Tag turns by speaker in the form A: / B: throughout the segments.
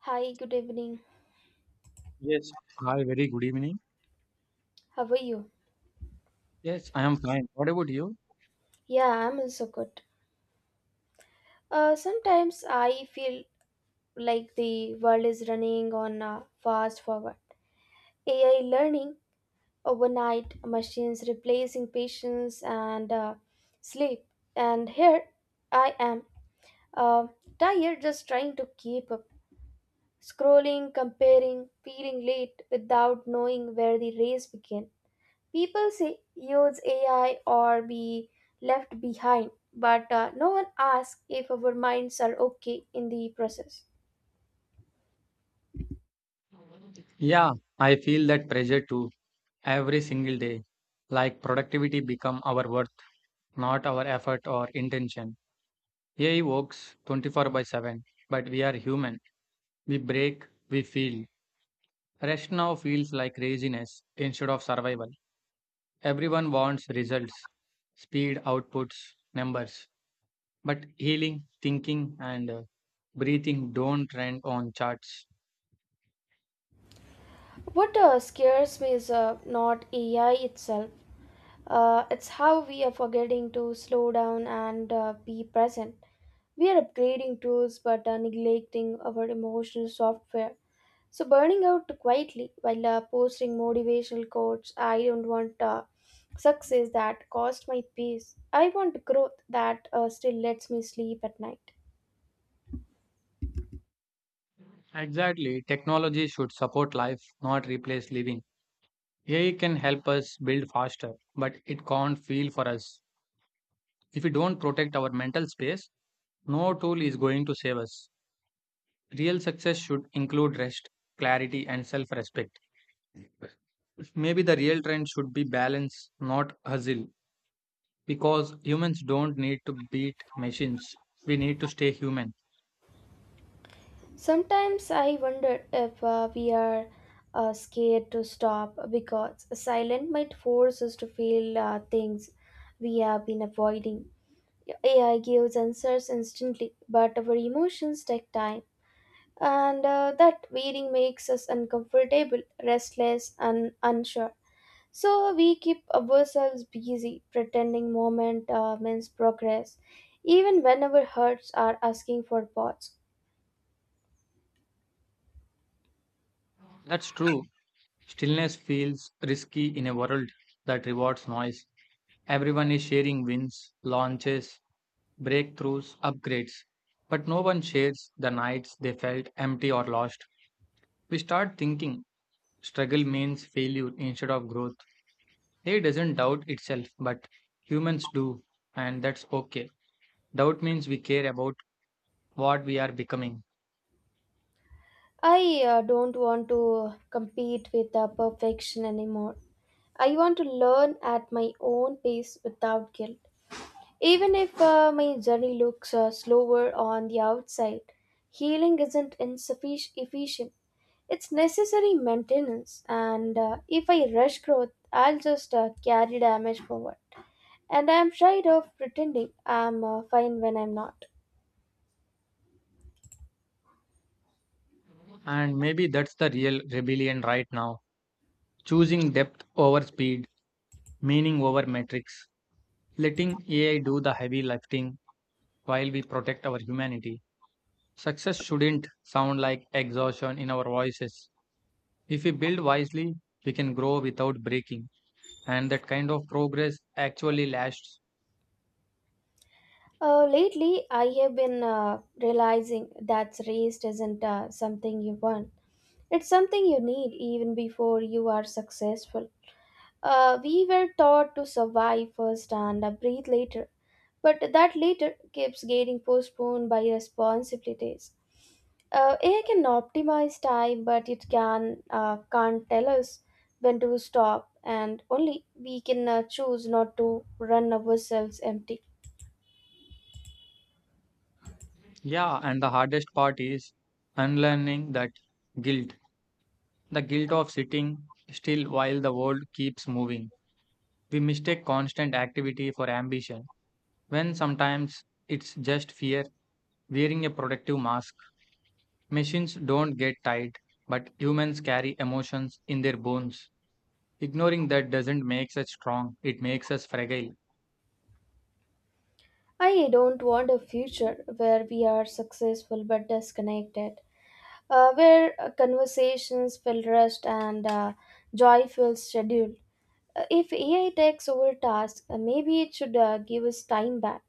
A: Hi, good evening.
B: Yes. Hi, very good evening.
A: How are you?
B: Yes, I am fine. What about you?
A: Yeah, I'm also good. Sometimes I feel like the world is running on fast forward. AI learning, overnight machines replacing patience and sleep. And here I am, uh, tired just trying to keep up, scrolling, comparing, feeling late without knowing where the race began. People say use AI or be left behind, but no one asks if our minds are okay in the process.
B: Yeah, I feel that pressure too every single day. Like productivity become our worth, not our effort or intention. AI works 24/7, but we are human. We break, we feel. Rest now feels like laziness instead of survival. Everyone wants results, speed, outputs, numbers. But healing, thinking, and breathing don't trend on charts.
A: What scares me is not AI itself, it's how we are forgetting to slow down and be present. We are upgrading tools but are neglecting our emotional software. So burning out quietly while posting motivational quotes, I don't want success that cost my peace. I want growth that still lets me sleep at night.
B: Exactly. Technology should support life, not replace living. AI can help us build faster, but it can't feel for us. If we don't protect our mental space, no tool is going to save us. Real success should include rest, clarity, and self respect. Maybe the real trend should be balance, not hustle, because humans don't need to beat machines. We need to stay human.
A: Sometimes I wonder if we are scared to stop because silence might force us to feel things we have been avoiding. AI gives answers instantly, but our emotions take time. And that wearing makes us uncomfortable, restless, and unsure. So we keep ourselves busy, pretending moment means progress, even when our hearts are asking for pause.
B: That's true. Stillness feels risky in a world that rewards noise. Everyone is sharing wins, launches, breakthroughs, upgrades, but no one shares the nights they felt empty or lost. We start thinking struggle means failure instead of growth. It doesn't doubt itself, but humans do, and that's okay. Doubt means we care about what we are becoming,
A: I don't want to compete with perfection anymore. I want to learn at my own pace without guilt. Even if my journey looks slower on the outside, healing isn't insufficient efficient. It's necessary maintenance, and if I rush growth, I'll just carry damage forward. And I'm tired of pretending I'm fine when I'm not.
B: and maybe that's the real rebellion right now. Choosing depth over speed, meaning over metrics, letting AI do the heavy lifting while we protect our humanity. Success shouldn't sound like exhaustion in our voices. If we build wisely, we can grow without breaking, and that kind of progress actually lasts.
A: Lately, I have been realizing that rest isn't something you want. It's something you need even before you are successful. We were taught to survive first and breathe later but that later keeps getting postponed by responsibilities. AI can optimize time, but it can't tell us when to stop, and only we can choose not to run ourselves empty.
B: Yeah, and the hardest part is unlearning that guilt, the guilt of sitting still while the world keeps moving. We mistake constant activity for ambition, when sometimes it's just fear wearing a protective mask. Machines don't get tired, but humans carry emotions in their bones. Ignoring that doesn't make us strong, it makes us fragile.
A: I don't want a future where we are successful but disconnected, where conversations feel rushed and joy feels scheduled. If AI takes over tasks, maybe it should give us time back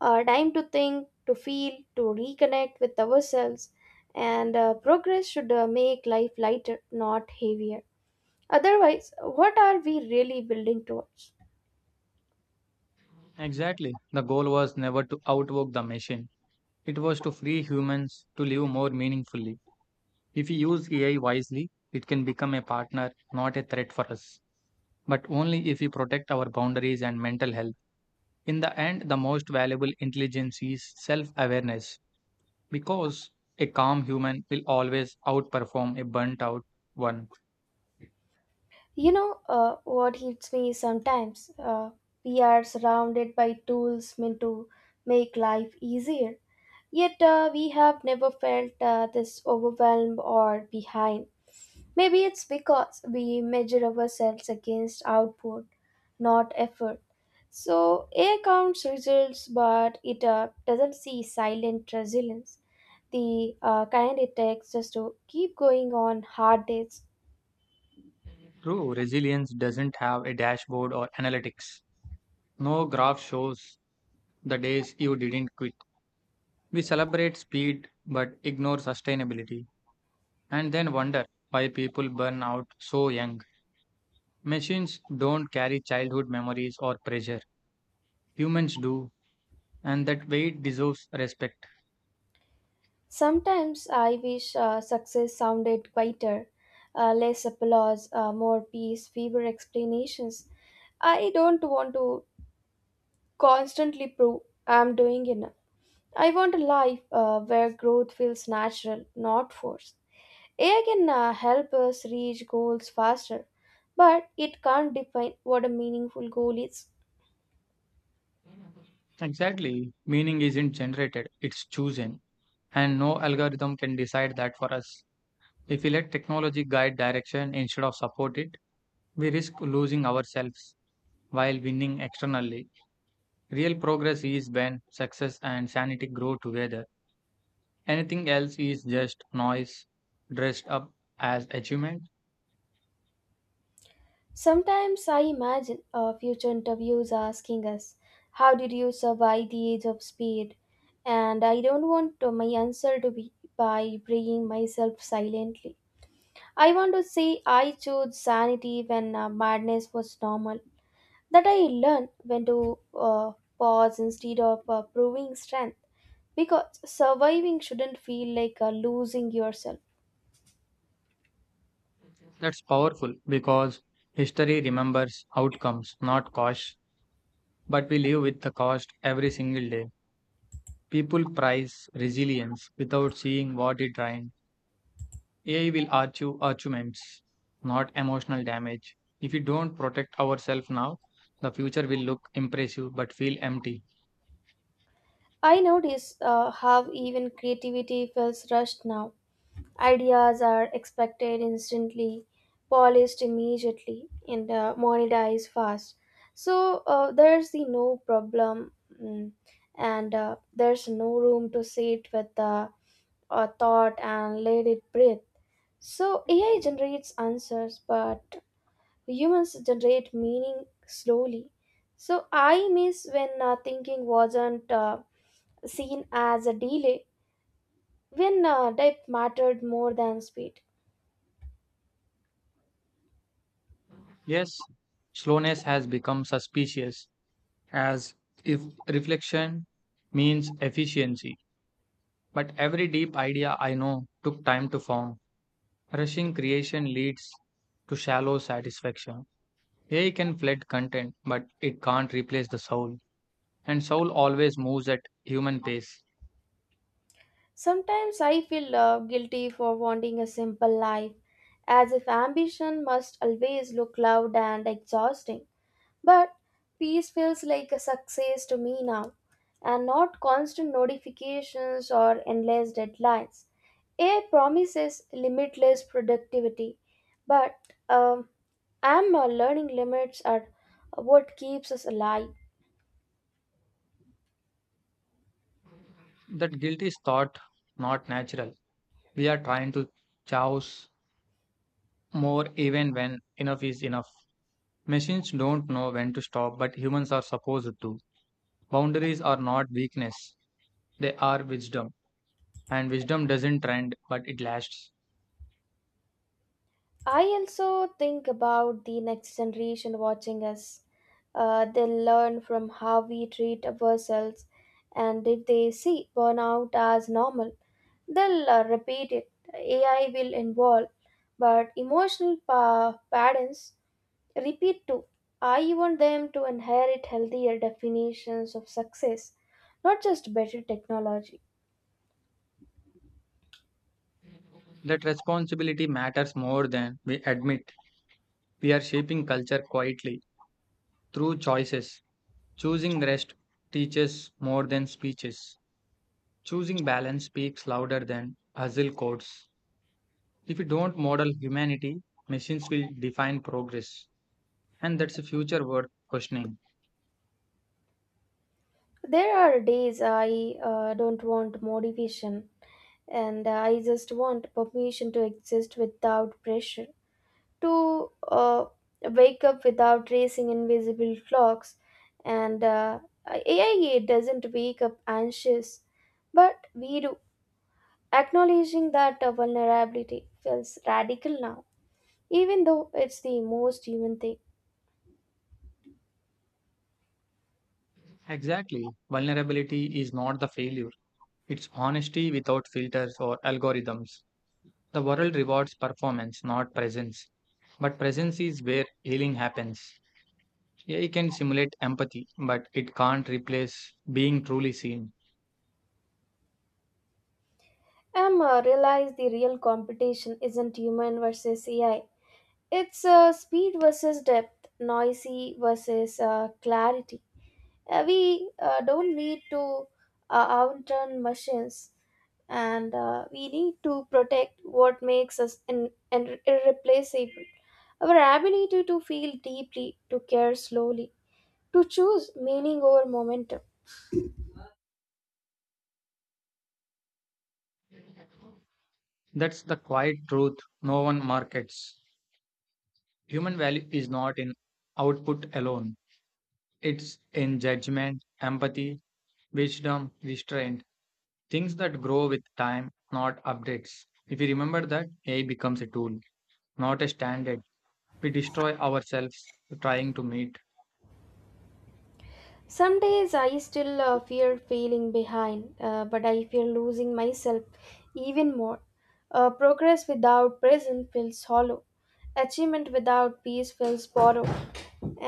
A: time to think, to feel, to reconnect with ourselves, and progress should make life lighter, not heavier. Otherwise, what are we really building towards?
B: Exactly. The goal was never to outwork the machine, it was to free humans to live more meaningfully. If we use AI wisely, it can become a partner, not a threat for us. But only if we protect our boundaries and mental health. In the end, the most valuable intelligence is self awareness, because a calm human will always outperform a burnt out one.
A: You know, what hits me sometimes? We are surrounded by tools meant to make life easier, yet we have never felt this overwhelmed or behind. Maybe it's because we measure ourselves against output, not effort. So AI counts results, but it doesn't see silent resilience, the kind it takes just to keep going on hard days.
B: True, resilience doesn't have a dashboard or analytics. No graph shows the days you didn't quit. We celebrate speed but ignore sustainability, and then wonder why people burn out so young. Machines don't carry childhood memories or pressure. Humans do, and that weight deserves respect.
A: Sometimes I wish success sounded quieter, less applause, more peace, fewer explanations. I don't want to constantly prove I'm doing enough. I want a life where growth feels natural, not forced. AI can help us reach goals faster, but it can't define what a meaningful goal is.
B: Exactly. Meaning isn't generated, it's chosen. And no algorithm can decide that for us. If we let technology guide direction instead of support it, we risk losing ourselves while winning externally. Real progress is when success and sanity grow together. Anything else is just noise dressed up as achievement.
A: Sometimes I imagine future interviews asking us, how did you survive the age of speed? And I don't want my answer to be by bringing myself silently. I want to say I chose sanity when madness was normal, that I learn when to pause instead of proving strength because surviving shouldn't feel like losing yourself.
B: That's powerful because history remembers outcomes, not costs. But we live with the cost every single day. People prize resilience without seeing what it drains. AI will argue arguments, not emotional damage. If we don't protect ourselves now, the future will look impressive but feel empty.
A: I notice how even creativity feels rushed now. Ideas are expected instantly, polished immediately, and monetized fast. So there's the no problem, mm, and there's no room to sit with the thought and let it breathe. So AI generates answers, but humans generate meaning slowly. So I miss when thinking wasn't seen as a delay, when depth mattered more than speed.
B: Yes, slowness has become suspicious, as if reflection means efficiency. But every deep idea I know took time to form. Rushing creation leads to shallow satisfaction. AI can flood content, but it can't replace the soul. And soul always moves at human pace.
A: Sometimes I feel guilty for wanting a simple life, as if ambition must always look loud and exhausting. But peace feels like a success to me now, and not constant notifications or endless deadlines. AI promises limitless productivity, but um, I'm learning limits are what keeps us alive.
B: That guilt is thought, not natural. We are trying to chouse more even when enough is enough. Machines don't know when to stop, but humans are supposed to. Boundaries are not weakness, they are wisdom. And wisdom doesn't trend, but it lasts.
A: I also think about the next generation watching us. They'll learn from how we treat ourselves, and if they see burnout as normal, they'll repeat it. AI will involve, but emotional patterns repeat too. I want them to inherit healthier definitions of success, not just better technology.
B: That responsibility matters more than we admit. We are shaping culture quietly through choices. Choosing rest teaches more than speeches. Choosing balance speaks louder than hustle codes. If we don't model humanity, machines will define progress. And that's a future worth questioning.
A: There are days I don't want motivation and I just want permission to exist without pressure, to wake up without racing invisible clocks and AI doesn't wake up anxious, but we do. Acknowledging that vulnerability feels radical now, even though it's the most human thing.
B: Exactly. Vulnerability is not the failure. It's honesty without filters or algorithms. The world rewards performance, not presence. But presence is where healing happens. AI can simulate empathy, but it can't replace being truly seen.
A: I'm realize the real competition isn't human versus AI. It's speed versus depth, noisy versus clarity. We don't need to outrun machines and we need to protect what makes us irreplaceable, our ability to feel deeply, to care slowly, to choose meaning over momentum.
B: That's the quiet truth no one markets. Human value is not in output alone, it's in judgment, empathy, wisdom, restraint, things that grow with time, not updates. If we remember that, AI becomes a tool, not a standard. We destroy ourselves trying to meet.
A: Some days I still fear feeling behind but I fear losing myself even more. Progress without present feels hollow, achievement without peace feels borrowed,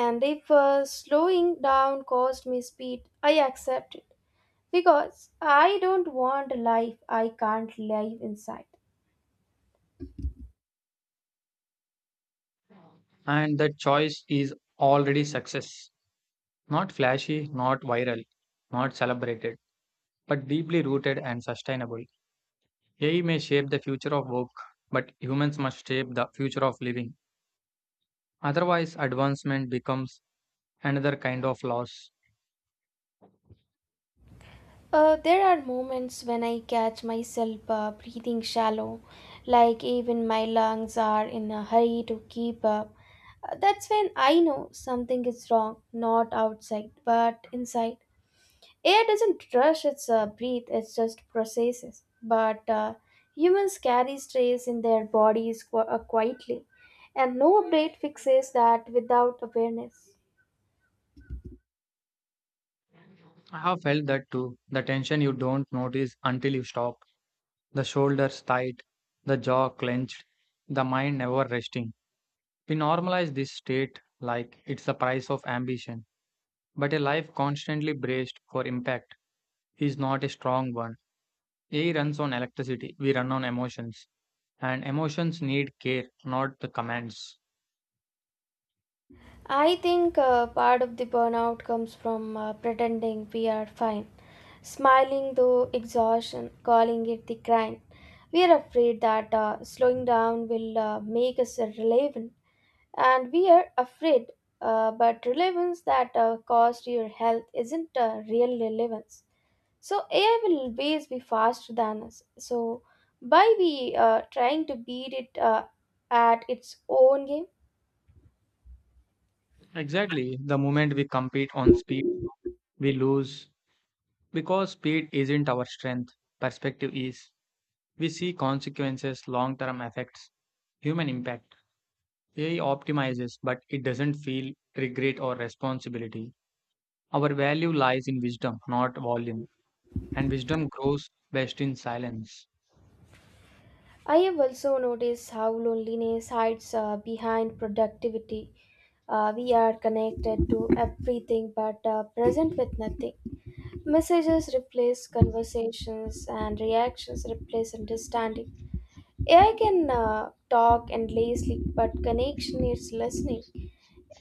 A: and if slowing down caused me speed, I accept it because I don't want a life I can't live inside.
B: And that choice is already success. Not flashy, not viral, not celebrated, but deeply rooted and sustainable. AI may shape the future of work, but humans must shape the future of living. Otherwise, advancement becomes another kind of loss.
A: There are moments when I catch myself breathing shallow, like even my lungs are in a hurry to keep up. That's when I know something is wrong, not outside, but inside. Air doesn't rush its breath, it just processes. But humans carry stress in their bodies quietly, and no update fixes that without awareness.
B: I have felt that too. The tension you don't notice until you stop, the shoulders tight, the jaw clenched, the mind never resting. We normalize this state like it's the price of ambition. But a life constantly braced for impact is not a strong one. AI runs on electricity, we run on emotions, and emotions need care, not the commands.
A: I think part of the burnout comes from pretending we are fine, smiling though exhaustion, calling it the grind. We are afraid that slowing down will make us relevant, and we are afraid, but relevance that costs your health isn't real relevance. So AI will always be faster than us. So by we trying to beat it at its own game.
B: Exactly, the moment we compete on speed, we lose because speed isn't our strength, perspective is. We see consequences, long term effects, human impact. AI optimizes, but it doesn't feel regret or responsibility. Our value lies in wisdom, not volume, and wisdom grows best in silence.
A: I have also noticed how loneliness hides behind productivity. We are connected to everything but present with nothing. Messages replace conversations and reactions replace understanding. AI can talk endlessly, but connection needs listening.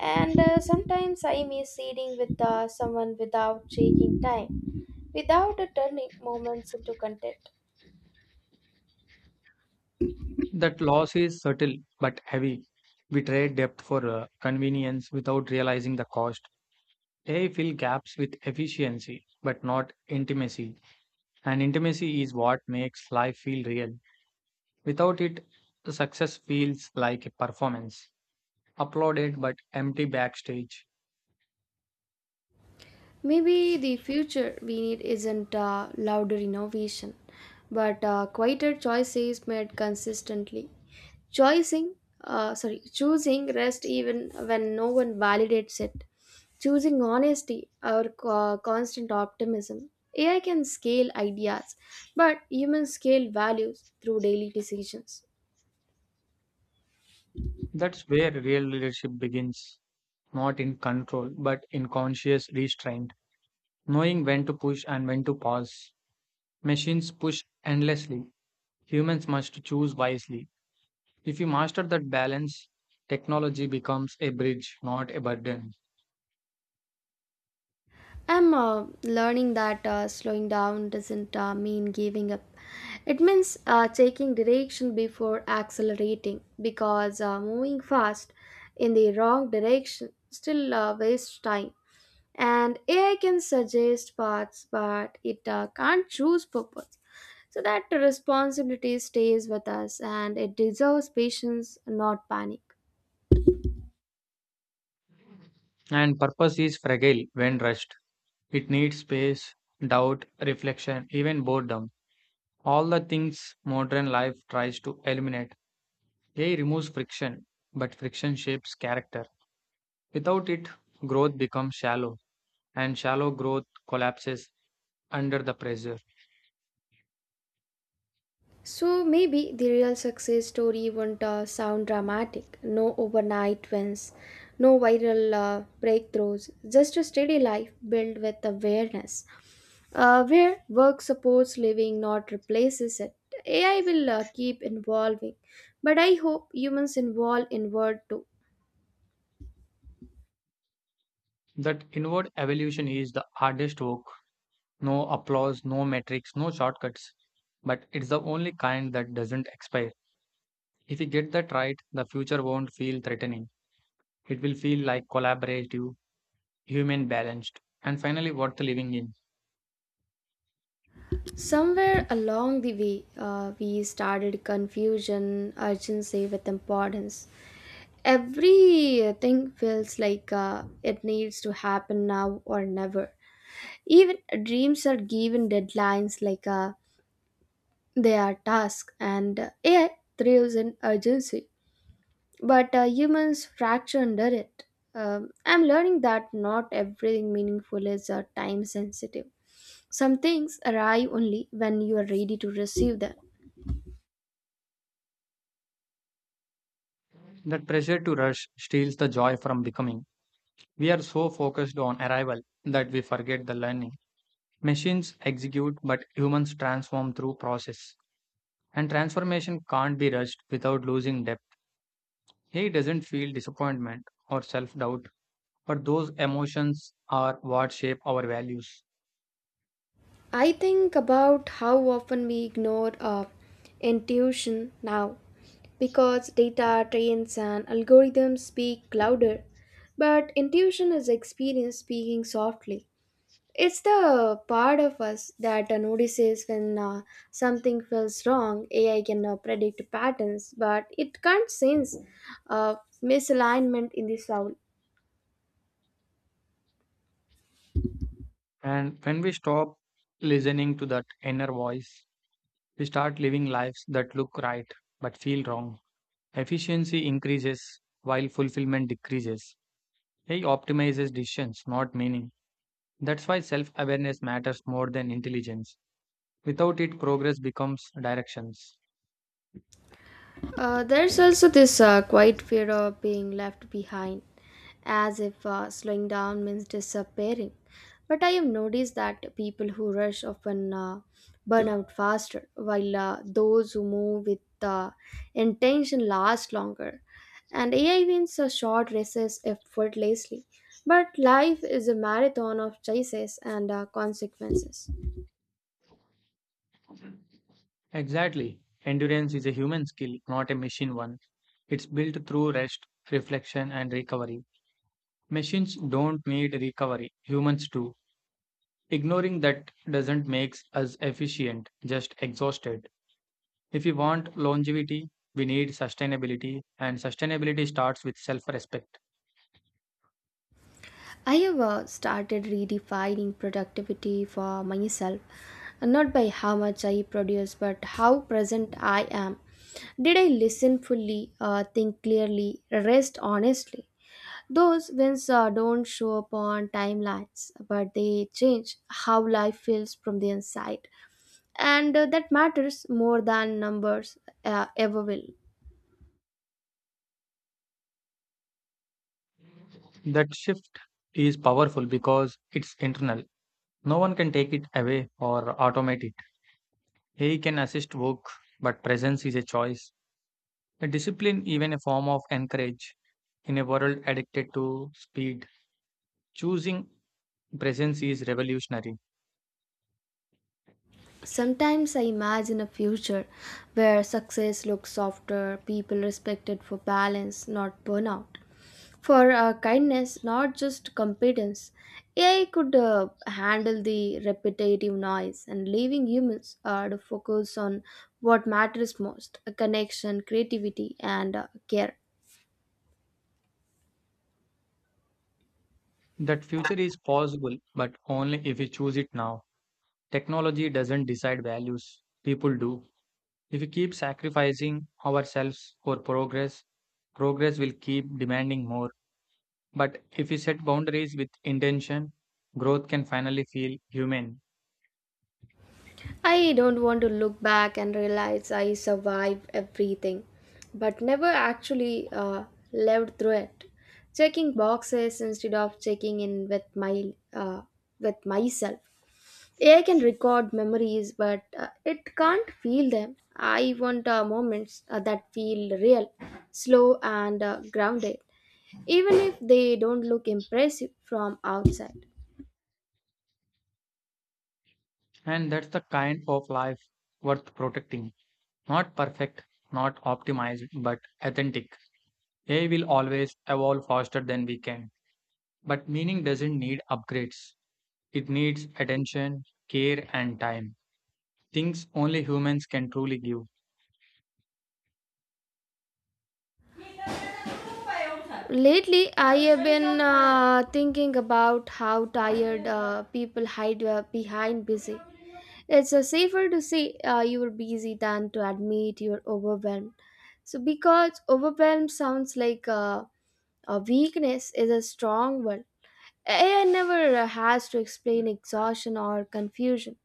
A: And sometimes I miss sitting with someone without taking time, without turning moments into content.
B: That loss is subtle but heavy. We trade depth for convenience without realizing the cost. AI fill gaps with efficiency but not intimacy. And intimacy is what makes life feel real. Without it, success feels like a performance, applauded but empty backstage.
A: Maybe the future we need isn't louder innovation, but quieter choices made consistently. Choosing, choosing rest even when no one validates it. Choosing honesty or constant optimism. AI can scale ideas, but humans scale values through daily decisions.
B: That's where real leadership begins, not in control but in conscious restraint, knowing when to push and when to pause. Machines push endlessly, humans must choose wisely. If you master that balance, technology becomes a bridge, not a burden.
A: I'm learning that slowing down doesn't mean giving up. It means taking direction before accelerating because moving fast in the wrong direction still wastes time. And AI can suggest paths, but it can't choose purpose. So that responsibility stays with us and it deserves patience, not panic.
B: And purpose is fragile when rushed. It needs space, doubt, reflection, even boredom. All the things modern life tries to eliminate. AI removes friction, but friction shapes character. Without it, growth becomes shallow, and shallow growth collapses under the pressure.
A: So maybe the real success story won't sound dramatic. No overnight wins, no viral breakthroughs, just a steady life built with awareness. Where work supports living, not replaces it. AI will keep evolving, but I hope humans evolve inward too.
B: That inward evolution is the hardest work. No applause, no metrics, no shortcuts. But it's the only kind that doesn't expire. If you get that right, the future won't feel threatening. It will feel like collaborative, human balanced, and finally worth living in.
A: Somewhere along the way, we started confusion urgency with importance. Everything feels like it needs to happen now or never. Even dreams are given deadlines like they are tasks, and AI thrives in urgency. But humans fracture under it. I'm learning that not everything meaningful is time sensitive. Some things arrive only when you are ready to receive them.
B: That pressure to rush steals the joy from becoming. We are so focused on arrival that we forget the learning. Machines execute, but humans transform through process. And transformation can't be rushed without losing depth. He doesn't feel disappointment or self doubt, but those emotions are what shape our values.
A: I think about how often we ignore intuition now because data, trends, and algorithms speak louder, but intuition is experience speaking softly. It's the part of us that notices when something feels wrong. AI can predict patterns, but it can't sense uh, misalignment in the soul.
B: And when we stop listening to that inner voice, we start living lives that look right but feel wrong. Efficiency increases while fulfillment decreases. He optimizes decisions, not meaning. That's why self awareness matters more than intelligence. Without it, progress becomes directions.
A: There's also this quiet fear of being left behind, as if slowing down means disappearing. But I have noticed that people who rush often burn out faster, while those who move with intention last longer. And AI wins a short races effortlessly. But life is a marathon of choices and consequences.
B: Exactly. Endurance is a human skill, not a machine one. It's built through rest, reflection, and recovery. Machines don't need recovery, humans do. Ignoring that doesn't make us efficient, just exhausted. If we want longevity, we need sustainability, and sustainability starts with self respect.
A: I have started redefining productivity for myself, not by how much I produce, but how present I am. Did I listen fully, think clearly, rest honestly? Those wins don't show up on timelines, but they change how life feels from the inside. And that matters more than numbers ever will.
B: That shift is powerful because it's internal. No one can take it away or automate it. AI can assist work, but presence is a choice. A discipline, even a form of encourage. In a world addicted to speed, choosing presence is revolutionary.
A: Sometimes I imagine a future where success looks softer, people respected for balance, not burnout, for kindness, not just competence. AI could handle the repetitive noise and leaving humans to focus on what matters most, a connection, creativity, and care.
B: That future is possible, but only if we choose it now. Technology doesn't decide values, people do. If we keep sacrificing ourselves for progress, progress will keep demanding more. But if we set boundaries with intention, growth can finally feel human.
A: I don't want to look back and realize I survived everything, but never actually lived through it. Checking boxes instead of checking in with my with myself. AI can record memories, but it can't feel them. I want moments that feel real, slow, and grounded, even if they don't look impressive from outside.
B: And that's the kind of life worth protecting. Not perfect, not optimized, but authentic. AI will always evolve faster than we can. But meaning doesn't need upgrades. It needs attention, care, and time. Things only humans can truly give.
A: Lately, I have been thinking about how tired people hide behind busy. It's safer to say you are busy than to admit you're overwhelmed. So, because overwhelmed sounds like a weakness, is a strong word. AI never has to explain exhaustion or confusion.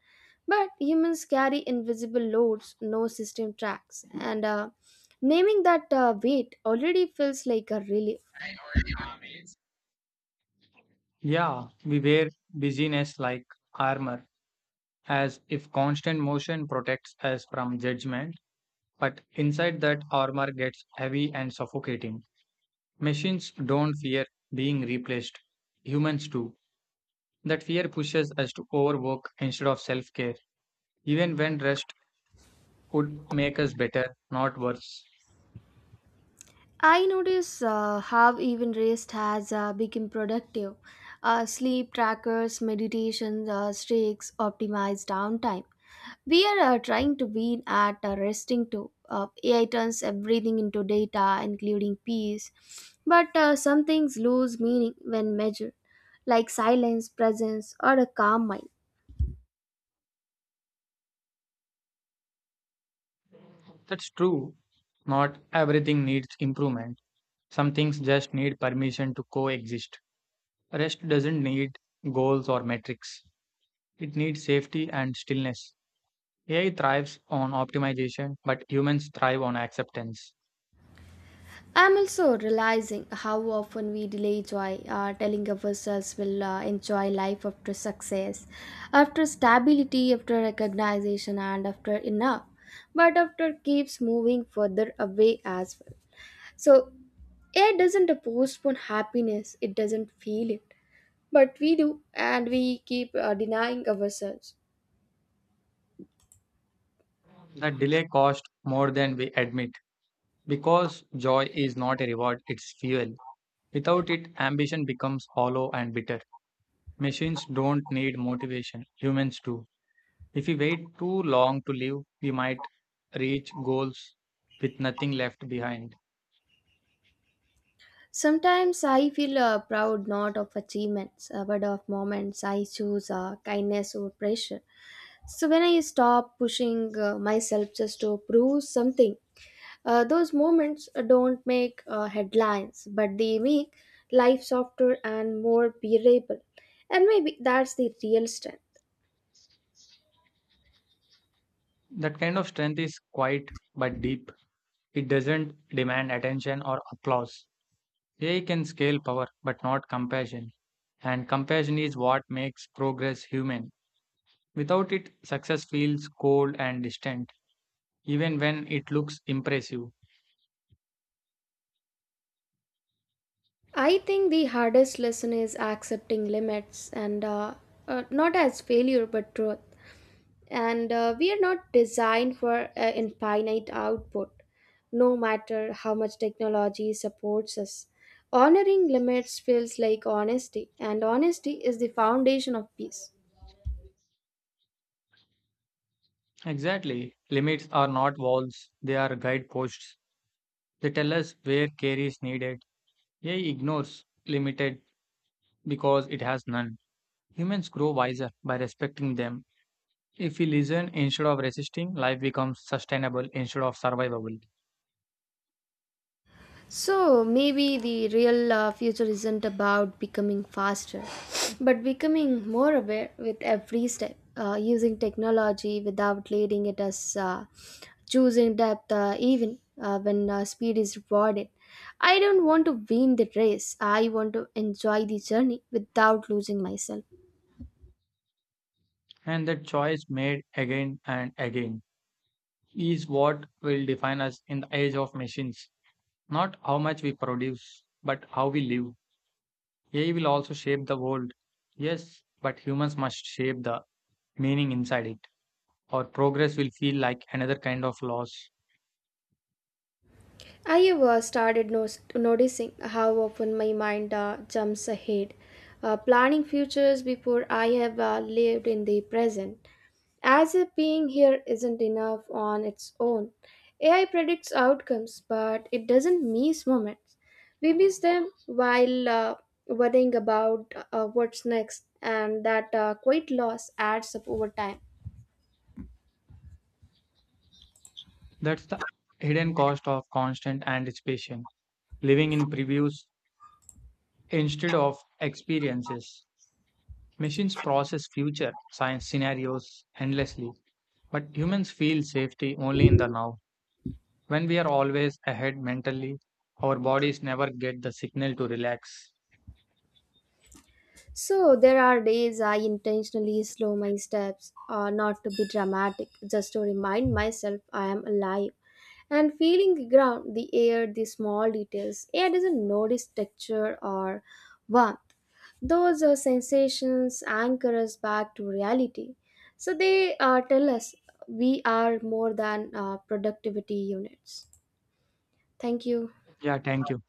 A: But humans carry invisible loads no system tracks, and naming that weight already feels like a relief.
B: Yeah, we wear busyness like armor, as if constant motion protects us from judgment, but inside that armor gets heavy and suffocating. Machines don't fear being replaced, humans do. That fear pushes us to overwork instead of self care, even when rest would make us better, not worse.
A: I notice how even rest has become productive. Sleep trackers, meditation streaks, optimized downtime. We are trying to win at resting too. AI turns everything into data, including peace. But some things lose meaning when measured, like silence, presence, or a calm mind.
B: That's true. Not everything needs improvement. Some things just need permission to coexist. Rest doesn't need goals or metrics, it needs safety and stillness. AI thrives on optimization, but humans thrive on acceptance.
A: I'm also realizing how often we delay joy, telling ourselves we'll enjoy life after success, after stability, after recognition, and after enough. But after keeps moving further away as well. So, it doesn't postpone happiness, it doesn't feel it. But we do, and we keep denying ourselves.
B: That delay costs more than we admit because joy is not a reward, it's fuel. Without it, ambition becomes hollow and bitter. Machines don't need motivation, humans do. If we wait too long to live, we might reach goals with nothing left behind.
A: Sometimes I feel proud not of achievements but of moments I choose kindness over pressure. So when I stop pushing myself just to prove something, those moments don't make headlines but they make life softer and more bearable. And maybe that's the real strength.
B: That kind of strength is quiet but deep. It doesn't demand attention or applause. AI can scale power but not compassion. And compassion is what makes progress human. Without it, success feels cold and distant, even when it looks impressive.
A: I think the hardest lesson is accepting limits and not as failure but truth. And we are not designed for infinite output, no matter how much technology supports us. Honoring limits feels like honesty, and honesty is the foundation of peace.
B: Exactly. Limits are not walls, they are guideposts. They tell us where care is needed. AI ignores limited because it has none. Humans grow wiser by respecting them. If we listen instead of resisting, life becomes sustainable instead of survivable.
A: So maybe the real future isn't about becoming faster, but becoming more aware with every step, using technology without leading it as choosing depth even when speed is rewarded. I don't want to win the race. I want to enjoy the journey without losing myself.
B: And that choice made again and again is what will define us in the age of machines. Not how much we produce, but how we live. AI will also shape the world. Yes, but humans must shape the meaning inside it, or progress will feel like another kind of loss.
A: I have started noticing how often my mind jumps ahead, planning futures before I have lived in the present. As if being here isn't enough on its own. AI predicts outcomes, but it doesn't miss moments. We miss them while worrying about what's next, and that quite loss adds up over time.
B: That's the hidden cost of constant anticipation, living in previews instead of experiences. Machines process future science scenarios endlessly, but humans feel safety only in the now. When we are always ahead mentally, our bodies never get the signal to relax.
A: So, there are days I intentionally slow my steps, not to be dramatic, just to remind myself I am alive and feeling the ground, the air, the small details. AI doesn't notice texture or warmth. Those sensations anchor us back to reality. So they tell us we are more than productivity units. Thank you.
B: Yeah, thank you.